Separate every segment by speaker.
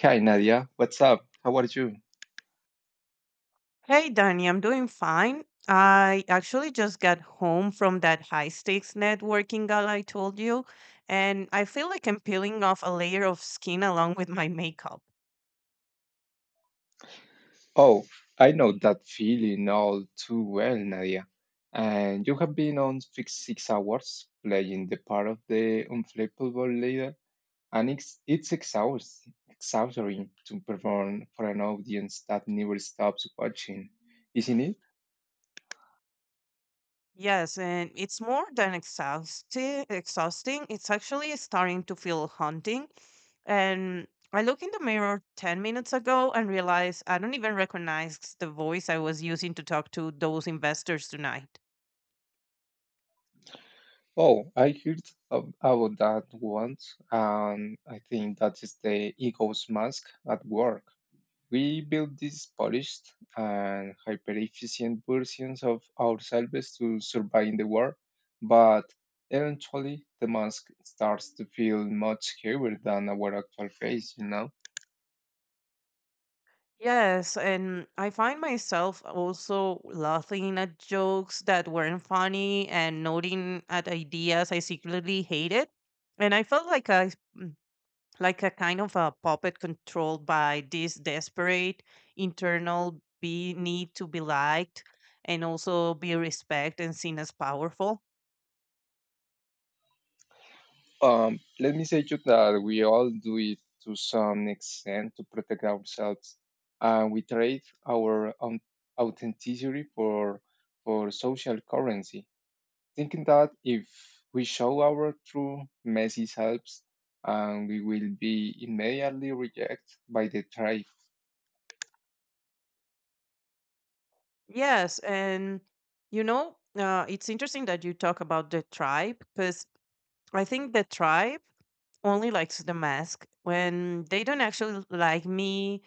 Speaker 1: Hi Nadia, what's up? How are you?
Speaker 2: Hey, Danny, I'm doing fine. I actually just got home from that high stakes networking gala I told you, and I feel like I'm peeling off a layer of skin along with my makeup.
Speaker 1: Oh, I know that feeling all too well, Nadia. And you have been on fixed 6 hours playing the part of the unflappable leader, and it's exhausting to perform for an audience that never stops watching, isn't it?
Speaker 2: Yes, and it's more than exhausting. Exhausting. It's actually starting to feel haunting. And I look in the mirror 10 minutes ago and realize I don't even recognize the voice I was using to talk to those investors tonight.
Speaker 1: Oh, I heard about that once, and I think that is the ego's mask at work. We built these polished and hyper-efficient versions of ourselves to survive in the war, but eventually the mask starts to feel much heavier than our actual face, you know?
Speaker 2: Yes, and I find myself also laughing at jokes that weren't funny and nodding at ideas I secretly hated. And I felt like a kind of a puppet controlled by this desperate internal be need to be liked and also be respected and seen as powerful.
Speaker 1: Let me say to you that we all do it to some extent to protect ourselves, and we trade our authenticity for social currency. Thinking that if we show our true messy selves, and we will be immediately rejected by the tribe.
Speaker 2: Yes, and it's interesting that you talk about the tribe, because I think the tribe only likes the mask when they don't actually like me,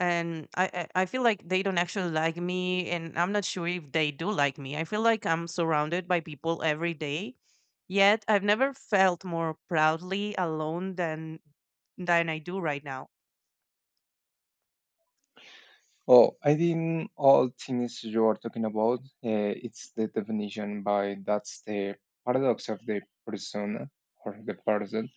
Speaker 2: and I feel like they don't actually like me, and I'm not sure if they do like me. I feel like I'm surrounded by people every day, yet I've never felt more proudly alone than I do right now.
Speaker 1: Oh, I think all things you're talking about, it's the definition by that's the paradox of the persona or the person.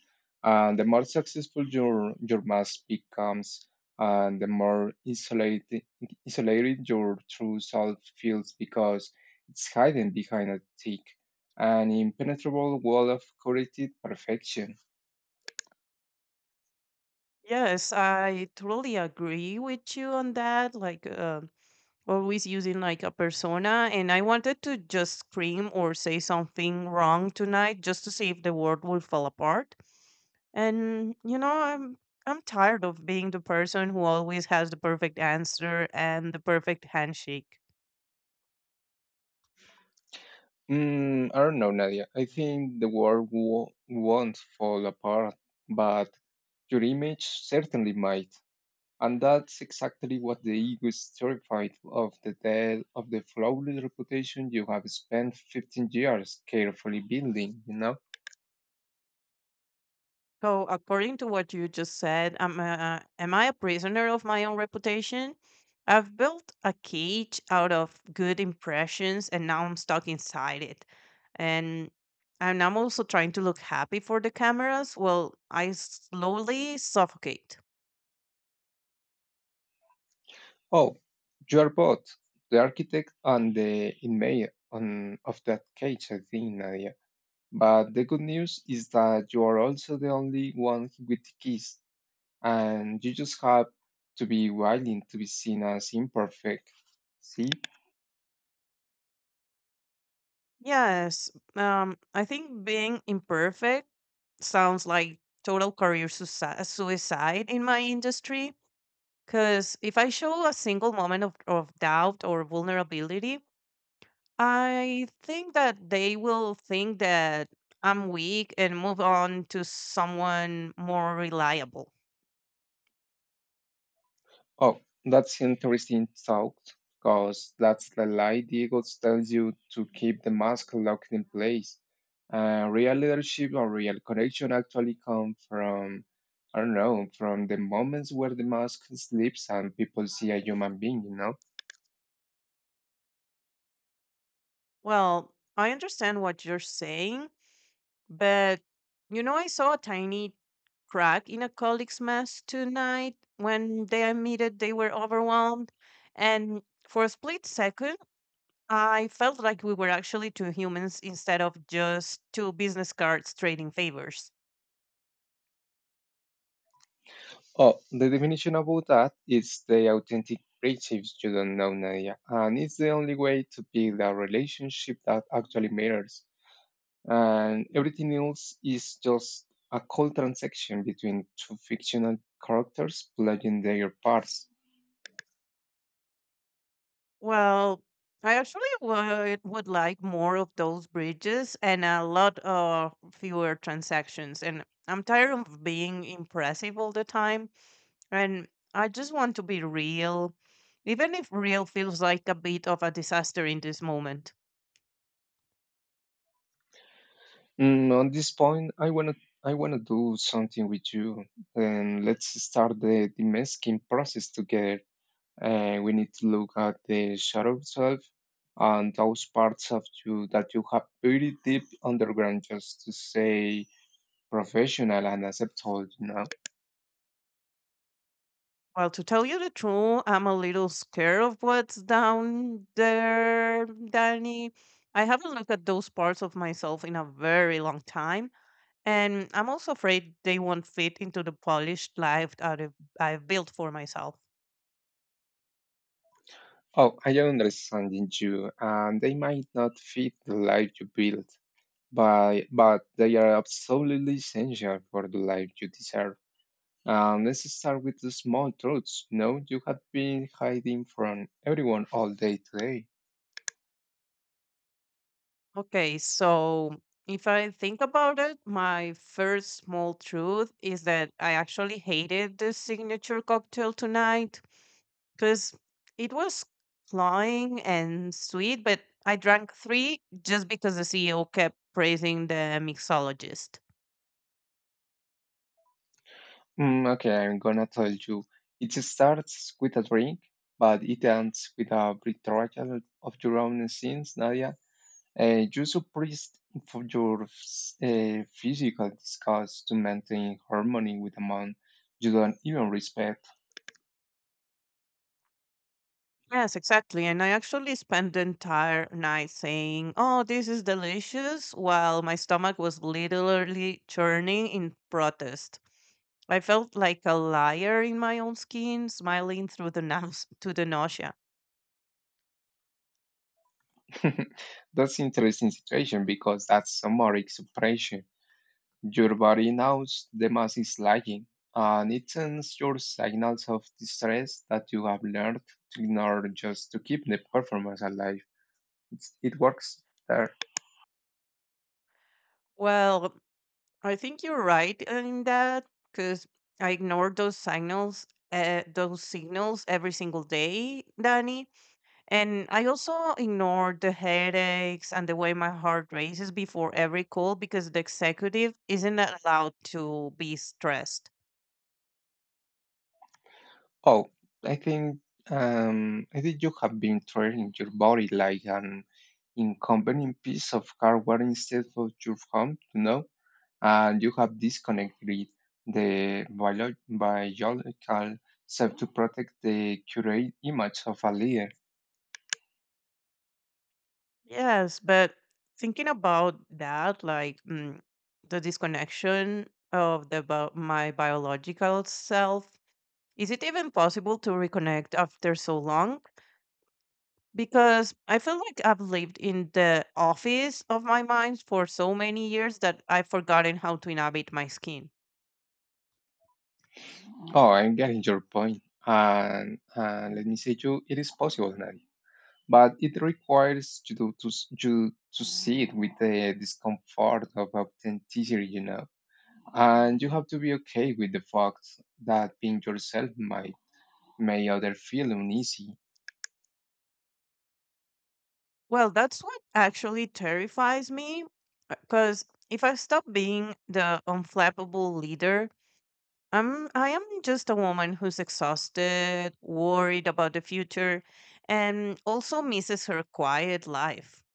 Speaker 1: And the more successful your mask becomes, and the more isolated your true self feels because it's hidden behind a thick and impenetrable wall of curated perfection.
Speaker 2: Yes, I totally agree with you on that. Like always using like a persona, and I wanted to just scream or say something wrong tonight just to see if the world will fall apart. And I'm tired of being the person who always has the perfect answer and the perfect handshake.
Speaker 1: Mm, I don't know, Nadia. I think the world won't fall apart, but your image certainly might. And that's exactly what the ego is terrified of the death of the flawless reputation you have spent 15 years carefully building, you know?
Speaker 2: So, according to what you just said, am I a prisoner of my own reputation? I've built a cage out of good impressions, and now I'm stuck inside it. And and I'm also trying to look happy for the cameras. Well, I slowly suffocate.
Speaker 1: Oh, you are both the architect and the inmate on, of that cage, I think, Nadia. But the good news is that you are also the only one with the keys and you just have to be willing to be seen as imperfect. See?
Speaker 2: Yes, I think being imperfect sounds like total career suicide in my industry. Because if I show a single moment of doubt or vulnerability, I think that they will think that I'm weak and move on to someone more reliable.
Speaker 1: Oh, that's interesting thought, because that's the lie the ego tells you to keep the mask locked in place. Real leadership or real connection actually come from, I don't know, from the moments where the mask slips and people see a human being, you know?
Speaker 2: Well, I understand what you're saying. But I saw a tiny crack in a colleague's mask tonight when they admitted they were overwhelmed, and for a split second, I felt like we were actually two humans instead of just two business cards trading favors.
Speaker 1: Oh, the definition about that is the authentic relationships you don't know, Nadia. And it's the only way to build a relationship that actually matters. And everything else is just a cold transaction between two fictional characters playing their parts.
Speaker 2: Well, I actually would like more of those bridges and a lot of fewer transactions. And I'm tired of being impressive all the time. And I just want to be real, even if real feels like a bit of a disaster in this moment.
Speaker 1: Mm, on this point, I wanna do something with you. Then let's start the demasking process together. We need to look at the shadow self and those parts of you that you have buried deep underground just to say professional and acceptable, you know.
Speaker 2: Well, to tell you the truth, I'm a little scared of what's down there, Danny. I haven't looked at those parts of myself in a very long time, and I'm also afraid they won't fit into the polished life that I've built for myself.
Speaker 1: Oh, I am understanding you, and they might not fit the life you built, but they are absolutely essential for the life you deserve. Let's start with the small truths. You know, you have been hiding from everyone all day today.
Speaker 2: Okay, so if I think about it, my first small truth is that I actually hated the signature cocktail tonight because it was cloying and sweet, but I drank three just because the CEO kept praising the mixologist.
Speaker 1: Mm, okay, I'm gonna tell you. It starts with a drink, but it ends with a betrayal of your own sins, Nadia. You suppressed for your physical disgust to maintain harmony with a man you don't even respect.
Speaker 2: Yes, exactly. And I actually spent the entire night saying, "Oh, this is delicious," while my stomach was literally churning in protest. I felt like a liar in my own skin, smiling through the nose to the nausea.
Speaker 1: That's interesting situation because that's somatic suppression. Your body knows the mass is lagging, and it sends your signals of distress that you have learned to ignore just to keep the performance alive. It works there.
Speaker 2: Well, I think you're right in that, because I ignored those signals every single day, Danny. And I also ignored the headaches and the way my heart races before every call because the executive isn't allowed to be stressed.
Speaker 1: Oh, I think I think you have been treating your body like an inconvenient piece of hardware instead of your home, you know, and you have disconnected the biological self to protect the curated image of a leader.
Speaker 2: Yes, but thinking about that, like the disconnection of the my biological self, is it even possible to reconnect after so long? Because I feel like I've lived in the office of my mind for so many years that I've forgotten how to inhabit my skin.
Speaker 1: Oh, I'm getting your point. And let me say you, it is possible, Nadia. But it requires you to, you to see it with the discomfort of authenticity, you know. And you have to be okay with the fact that being yourself might make others feel uneasy.
Speaker 2: Well, that's what actually terrifies me, because if I stop being the unflappable leader, I am just a woman who's exhausted, worried about the future, and also misses her quiet life.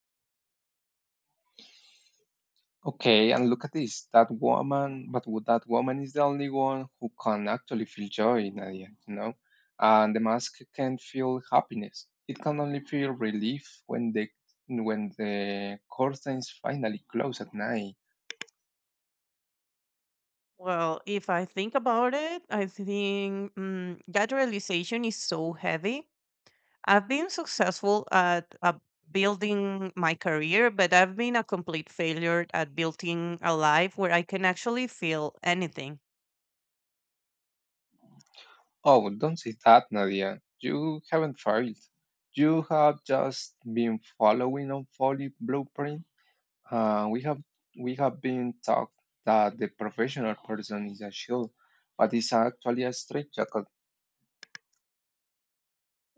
Speaker 1: Okay, and look at this. That woman, but that woman is the only one who can actually feel joy, Nadia, you know? And the mask can feel happiness. It can only feel relief when the curtains finally close at night.
Speaker 2: Well, if I think about it, I think that realization is so heavy. I've been successful at building my career, but I've been a complete failure at building a life where I can actually feel anything.
Speaker 1: Oh, don't say that, Nadia. You haven't failed. You have just been following on folly blueprint. Uh, we have we have been taught that the professional person is a shield, but it's actually a straitjacket.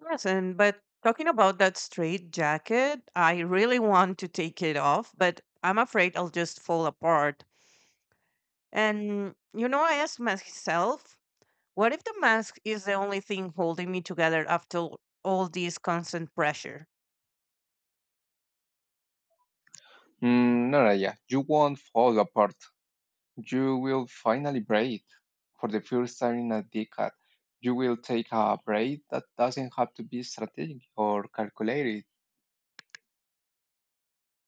Speaker 2: Yes, and but talking about that straight jacket, I really want to take it off, but I'm afraid I'll just fall apart. And I asked myself, what if the mask is the only thing holding me together after all this constant pressure?
Speaker 1: Mm, Naraya, you won't fall apart. You will finally breathe. For the first time in a decade, you will take a break that doesn't have to be strategic or calculated.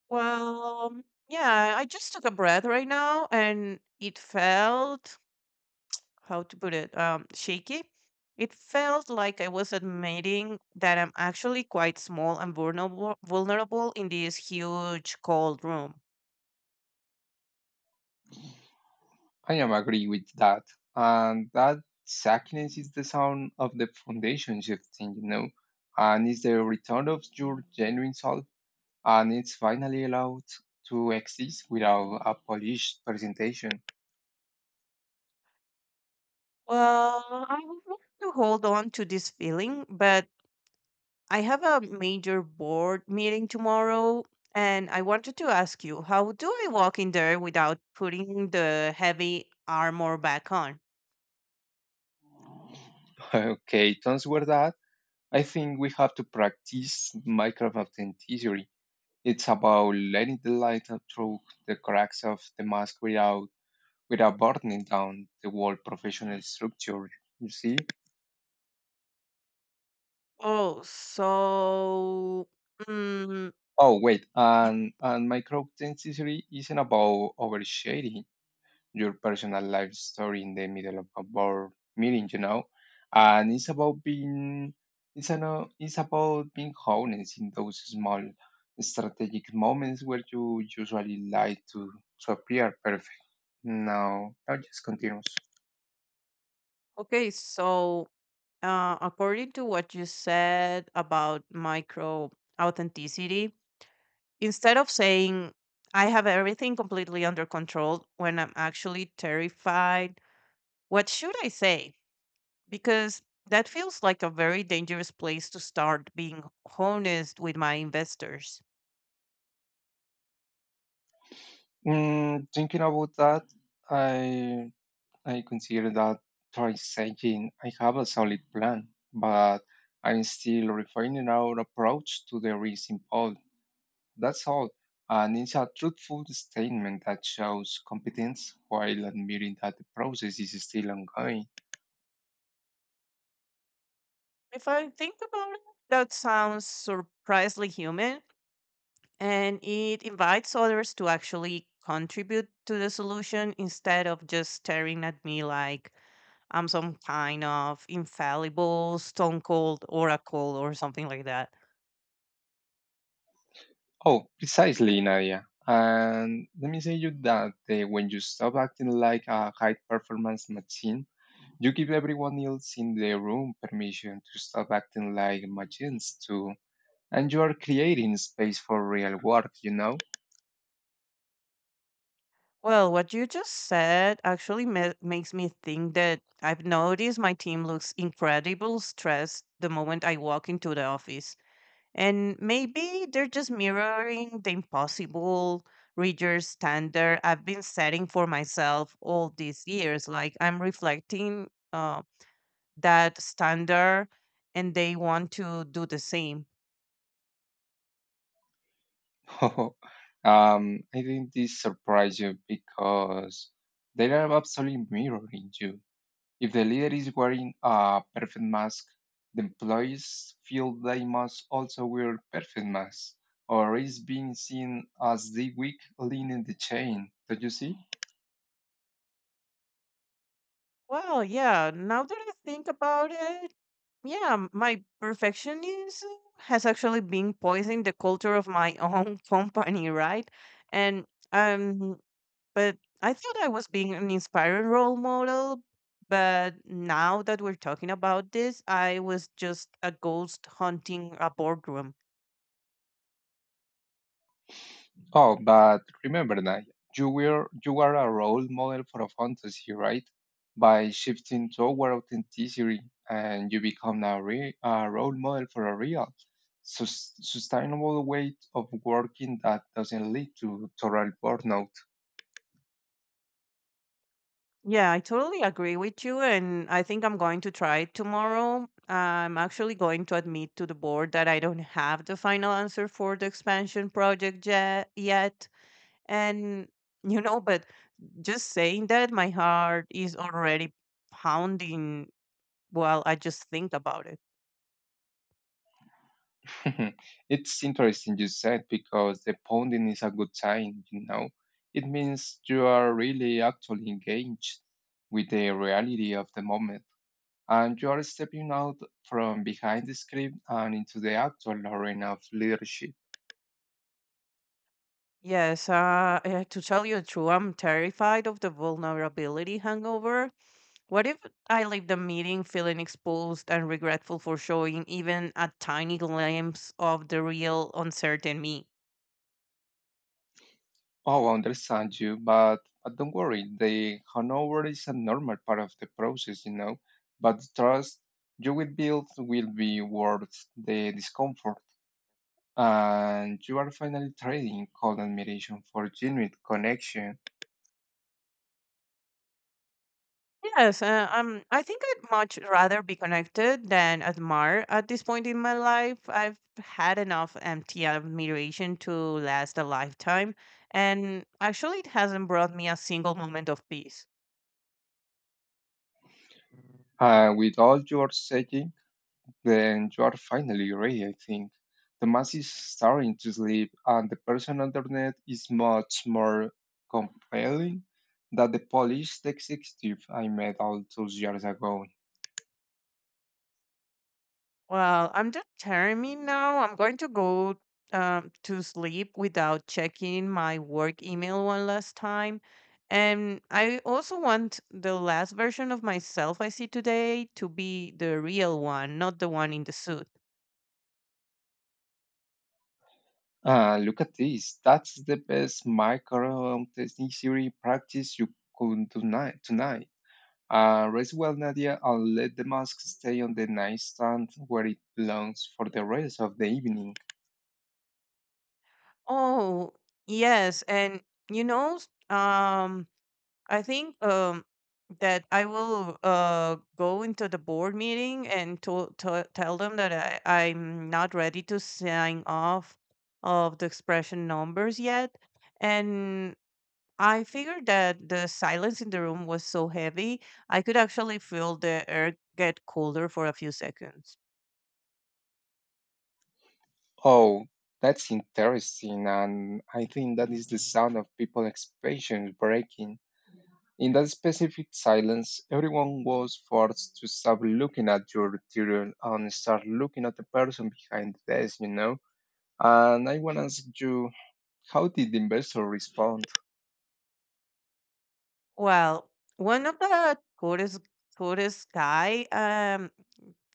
Speaker 2: Well, yeah, I just took a breath right now, and it felt, how to put it, shaky. It felt like I was admitting that I'm actually quite small and vulnerable in this huge cold room.
Speaker 1: I am agree with that. And that sackiness is the sound of the foundation shifting, you know, and it's the return of your genuine self, and it's finally allowed to exist without a polished presentation.
Speaker 2: Well, I would want to hold on to this feeling, but I have a major board meeting tomorrow, and I wanted to ask you, how do I walk in there without putting the heavy armor back on?
Speaker 1: Okay, don't swear that I think we have to practice micro-authenticity. It's about letting the light through the cracks of the mask without burning down the whole professional structure. You see?
Speaker 2: Oh, so mm,
Speaker 1: Oh wait,
Speaker 2: y-
Speaker 1: and micro-authenticity isn't about overshading your personal life story in the middle of a board meeting, you know. And it's about being it's an, it's about being honest in those small strategic moments where you usually like to appear perfect. Now just continues.
Speaker 2: okay, so according to what you said about micro authenticity, instead of saying I have everything completely under control when I'm actually terrified, what should I say? Because that feels like a very dangerous place to start being honest with my investors.
Speaker 1: Mm, thinking about that, I I consider that try saying I have a solid plan, but I'm still refining our approach to the risk imposed. That's all. And it's a truthful statement that shows competence while admitting that the process is still ongoing.
Speaker 2: If I think about it, that sounds surprisingly human, and it invites others to actually contribute to the solution instead of just staring at me like I'm some kind of infallible stone cold oracle or something like that.
Speaker 1: Oh, precisely, Nadia. And let me say you that when you stop acting like a high performance machine, you give everyone else in the room permission to stop acting like machines too. And you are creating space for real work, you know?
Speaker 2: Well, what you just said actually makes me think that I've noticed my team looks incredible stressed the moment I walk into the office. And maybe they're just mirroring the impossible reader standard I've been setting for myself all these years. Like I'm reflecting that standard, and they want to do the same.
Speaker 1: um, I think this surprised you because they are absolutely mirroring you. If the leader is wearing a perfect mask, the employees feel they must also wear perfect masks, or is being seen as the weak link in the chain. Don't you see?
Speaker 2: Well, yeah, now that I think about it, yeah, my perfectionism has actually been poisoning the culture of my own company, right? And um But I thought I was being an inspiring role model. But now that we're talking about this, I was just a ghost hunting a boardroom.
Speaker 1: Oh, but remember that you are a role model for a fantasy, right? By shifting toward authenticity, and you become a role model for a real, sustainable way of working that doesn't lead to total burnout.
Speaker 2: Yeah, I totally agree with you. And I think I'm going to try it tomorrow. I'm actually going to admit to the board that I don't have the final answer for the expansion project yet. And but just saying that, my heart is already pounding. Well, I just think about it.
Speaker 1: Mhm. It's interesting you said because the pounding is a good sign, you know. It means you are really actually engaged with the reality of the moment and you are stepping out from behind the script and into the actual arena of leadership.
Speaker 2: Yes, to tell you the truth, I'm terrified of the vulnerability hangover. What if I leave the meeting feeling exposed and regretful for showing even a tiny glimpse of the real uncertain me?
Speaker 1: Oh, I understand you, but don't worry, the hangover is a normal part of the process, you know. But the trust you will build will be worth the discomfort, and you are finally trading cold admiration for genuine connection.
Speaker 2: Yes, I think I'd much rather be connected than admire at this point in my life. I've had enough empty admiration to last a lifetime, and actually, it hasn't brought me a single moment of peace.
Speaker 1: With all your setting, then you are finally ready, I think. The mass is starting to sleep, and the person underneath is much more compelling than the polished executive I met all those years ago.
Speaker 2: Well, I'm determined now. I'm going to go to sleep without checking my work email one last time. And I also want the last version of myself I see today to be the real one, not the one in the suit.
Speaker 1: Ah, look at this. That's the best micro testing theory practice you could do tonight. Rest well, Nadia, and let the mask stay on the nightstand where it belongs for the rest of the evening.
Speaker 2: Oh, yes. And you know, s- um, I think that I will go into the board meeting and to tell them that I'm not ready to sign off of the expression numbers yet. And I figured that the silence in the room was so heavy, I could actually feel the air get colder for a few seconds.
Speaker 1: Oh, that's interesting, and I think that is the sound of people's expressions breaking. In that specific silence, everyone was forced to stop looking at your interior and start looking at the person behind the desk, you know? And I want to ask you, how did the investor respond?
Speaker 2: Well, one of the tourist guy,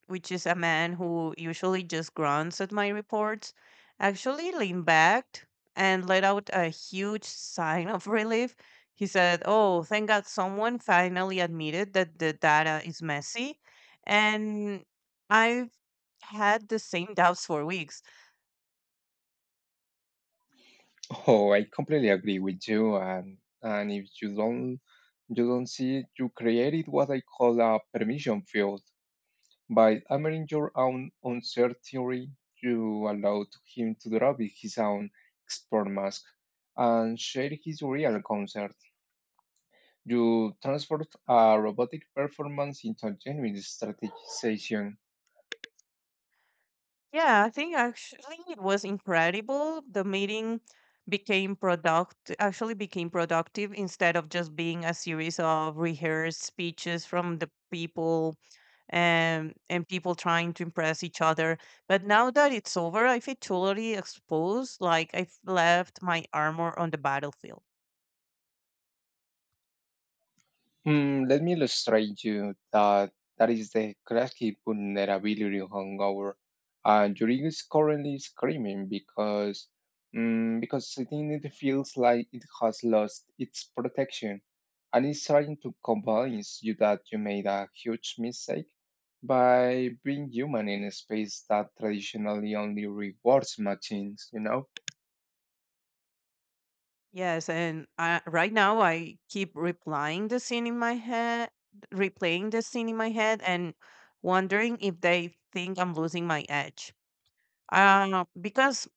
Speaker 2: which is a man who usually just grunts at my reports, actually leaned back and let out a huge sign of relief. He said, "Oh, thank God, someone finally admitted that the data is messy," and I've had the same doubts for weeks.
Speaker 1: Oh, I completely agree with you, and if you don't. You don't see you created what I call a permission field. By hammering your own uncertainty, you allowed him to drop his own expert mask and share his real concern. You transferred a robotic performance into a genuine strategization.
Speaker 2: Yeah, I think actually it was incredible. The meeting became product actually became productive instead of just being a series of rehearsed speeches from the people, and people trying to impress each other. But now that it's over, I feel totally exposed, like I've left my armor on the battlefield.
Speaker 1: Hmm, let me illustrate you that that is the classic vulnerability hangover. And Yuri is currently screaming because because sitting it feels like it has lost its protection and it's trying to convince you that you made a huge mistake by being human in a space that traditionally only rewards machines, you know?
Speaker 2: Yes, and right now I keep replying the scene in my head, replaying the scene in my head, and wondering if they think I'm losing my edge. Because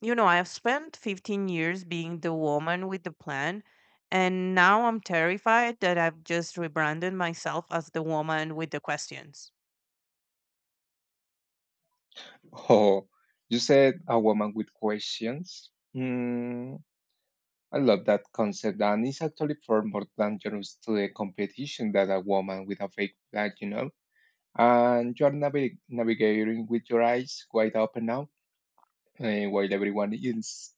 Speaker 2: I've spent 15 years being the woman with the plan, and now I'm terrified that I've just rebranded myself as the woman with the questions.
Speaker 1: Oh, you said a woman with questions? Mm, I love that concept, and it's actually far more dangerous to the competition than a woman with a fake flag, you know. And you're navigating with your eyes wide open now, eh, while everyone is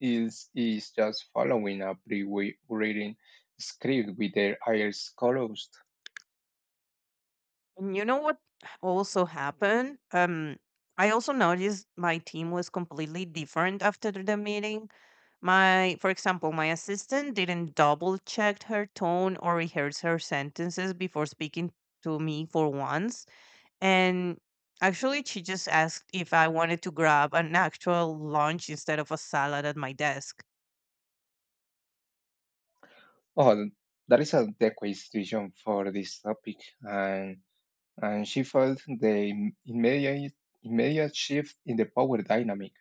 Speaker 1: is is just following a pre written script with their eyes closed.
Speaker 2: And you know what also happened? I also noticed my team was completely different after the meeting. My, for example, my assistant didn't double check her tone or rehearse her sentences before speaking to me for once. And actually, she just asked if I wanted to grab an actual lunch instead of a salad at my desk.
Speaker 1: Oh, that is a decoy situation for this topic, and and she felt the immediate shift in the power dynamic.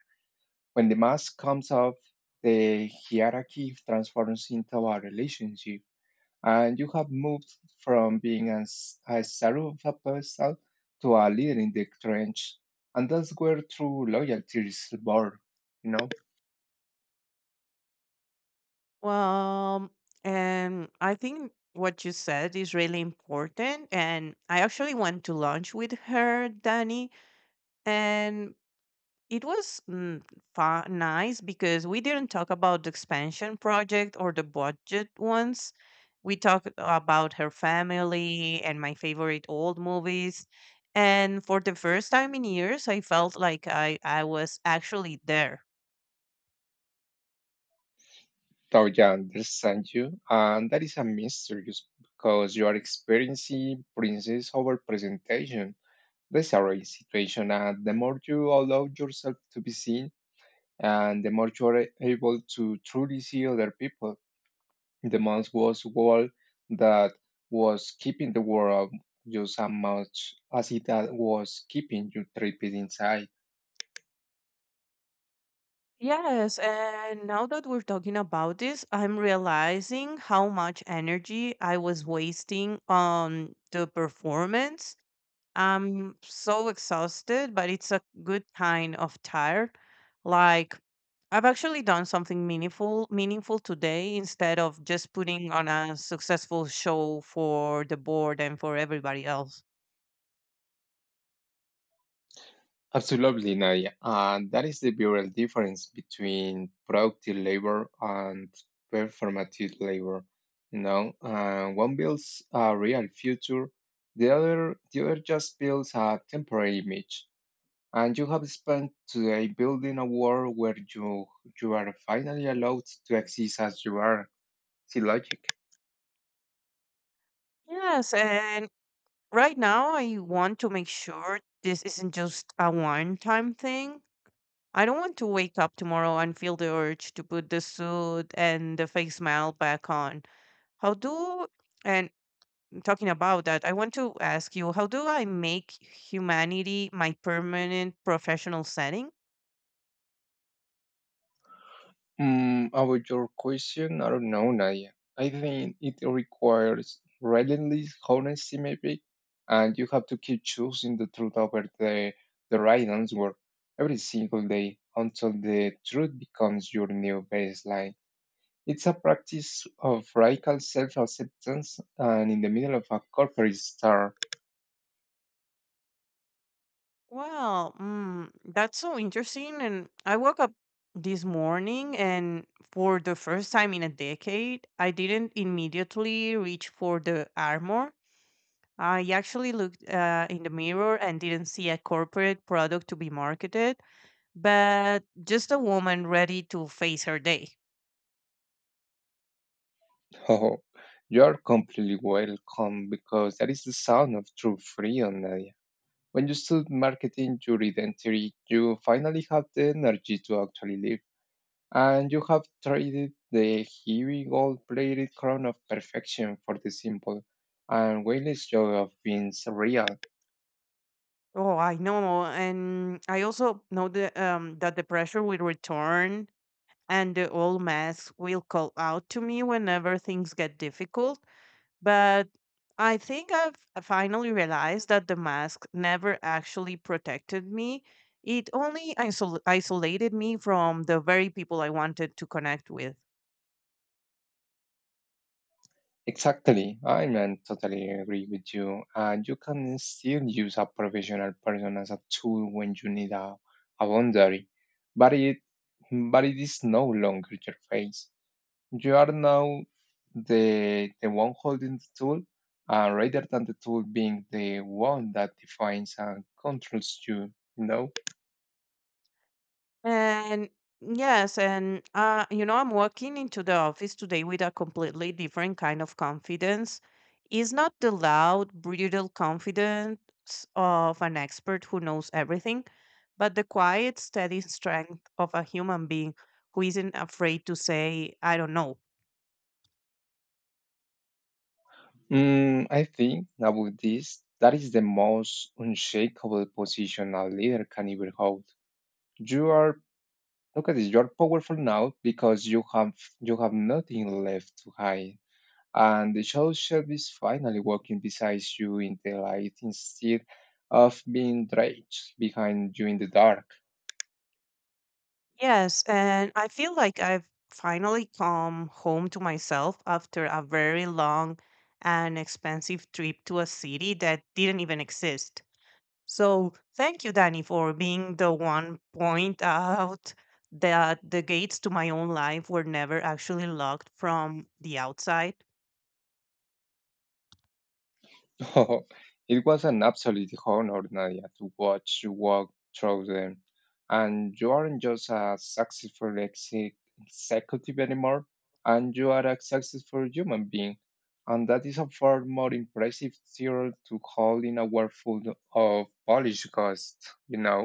Speaker 1: When the mask comes off, the hierarchy transforms into a relationship, and you have moved from being a servant of a person to a leader in the trench. And that's where true loyalty is born, you know?
Speaker 2: Well, and I think what you said is really important. And I actually went to lunch with her, Danny, and it was nice, because we didn't talk about the expansion project or the budget ones. We talked about her family and my favorite old movies. And for the first time in years, I felt like I was actually there.
Speaker 1: Toya understand you, and that is a mystery because you are experiencing princess over presentation. That's a real situation, and the more you allow yourself to be seen, and the more you are able to truly see other people. The mouse was wall that was keeping the world just as much as it had- was keeping you trapped inside.
Speaker 2: Yes, and now that we're talking about this, I'm realizing how much energy I was wasting on the performance. I'm so exhausted, but it's a good kind of tired. Like I've actually done something meaningful today instead of just putting on a successful show for the board and for everybody else.
Speaker 1: Absolutely, Nadia. And that is the real difference between productive labor and performative labor. You know, one builds a real future, the other just builds a temporary image, and you have spent today building a world where you are finally allowed to exist as you are. See logic.
Speaker 2: Yes, and right now I want to make sure this isn't just a one-time thing. I don't want to wake up tomorrow and feel the urge to put the suit and the face mail back on. How do, and talking about that, I want to ask you, how do I make humanity my permanent professional setting?
Speaker 1: Mm, about your question, I don't know, Nadia. I think it requires relentless honesty, maybe, and you have to keep choosing the truth over the right answer every single day until the truth becomes your new baseline. It's a practice of radical self-acceptance, and in the middle of a corporate star.
Speaker 2: Well, that's so interesting. And I woke up this morning, and for the first time in a decade, I didn't immediately reach for the armor. I actually looked in the mirror and didn't see a corporate product to be marketed, but just a woman ready to face her day.
Speaker 1: Oh, you're completely welcome because that is the sound of true freedom, Nadia. When you stop marketing your identity, you finally have the energy to actually live. And you have traded the heavy gold plated crown of perfection for the simple and weightless joy of being real.
Speaker 2: Oh, I know, and I also know that that the pressure will return, and the old masks will call out to me whenever things get difficult. But I think I finally realized that the mask never actually protected me. It only isolated me from the very people I wanted to connect with.
Speaker 1: Exactly. I mean, totally agree with you. You can still use a professional person as a tool when you need a boundary, but it is no longer your face. You are now the one holding the tool, rather than the tool being the one that defines and controls you. You know.
Speaker 2: And yes, I'm walking into the office today with a completely different kind of confidence. It's not the loud, brutal confidence of an expert who knows everything, but the quiet, steady strength of a human being who isn't afraid to say, I don't know.
Speaker 1: Mm, I think about this. That is the most unshakable position a leader can ever hold. You are. Look at this, you're powerful now because you have nothing left to hide. And the shadow self is finally walking beside you in the light instead of being draped behind you in the dark.
Speaker 2: Yes, and I feel like I've finally come home to myself after a very long and expensive trip to a city that didn't even exist. So thank you, Danny, for being the one point out that the gates to my own life were never actually locked from the outside.
Speaker 1: Oh, it was an absolute honor, Nadia, to watch you walk through them. And you aren't just a successful executive anymore, and you are a successful human being. And that is a far more impressive theory to hold in a world full of Polish ghosts, you know.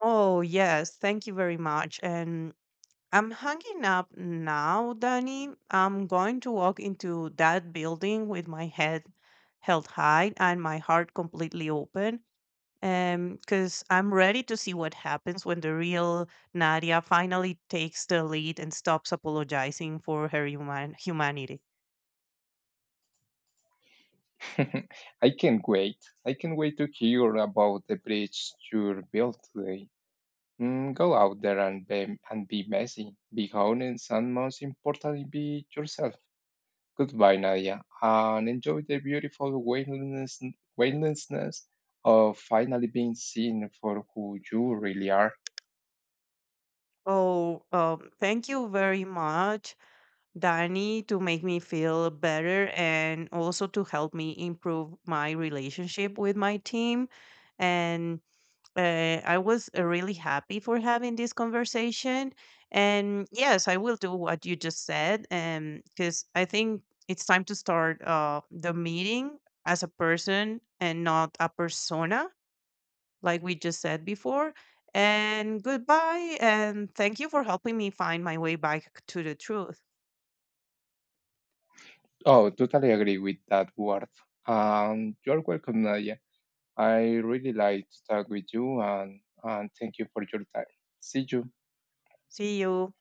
Speaker 2: Oh, yes. Thank you very much. And I'm hanging up now, Danny. I'm going to walk into that building with my head held high and my heart completely open, because I'm ready to see what happens when the real Nadia finally takes the lead and stops apologizing for her humanity.
Speaker 1: I can't wait. I can't wait to hear about the bridge you built today. Mm, go out there and be messy, be honest, and most importantly, be yourself. Goodbye, Nadia, and enjoy the beautiful weightlessness of finally being seen for who you really are.
Speaker 2: Oh, thank you very much, Danny, to make me feel better and also to help me improve my relationship with my team. And I was really happy for having this conversation. And yes, I will do what you just said, and because I think it's time to start the meeting as a person and not a persona, like we just said before. And goodbye, and thank you for helping me find my way back to the truth.
Speaker 1: Oh, totally agree with that word. You're welcome, Nadia. I really like to talk with you, and thank you for your time. See you.
Speaker 2: See you.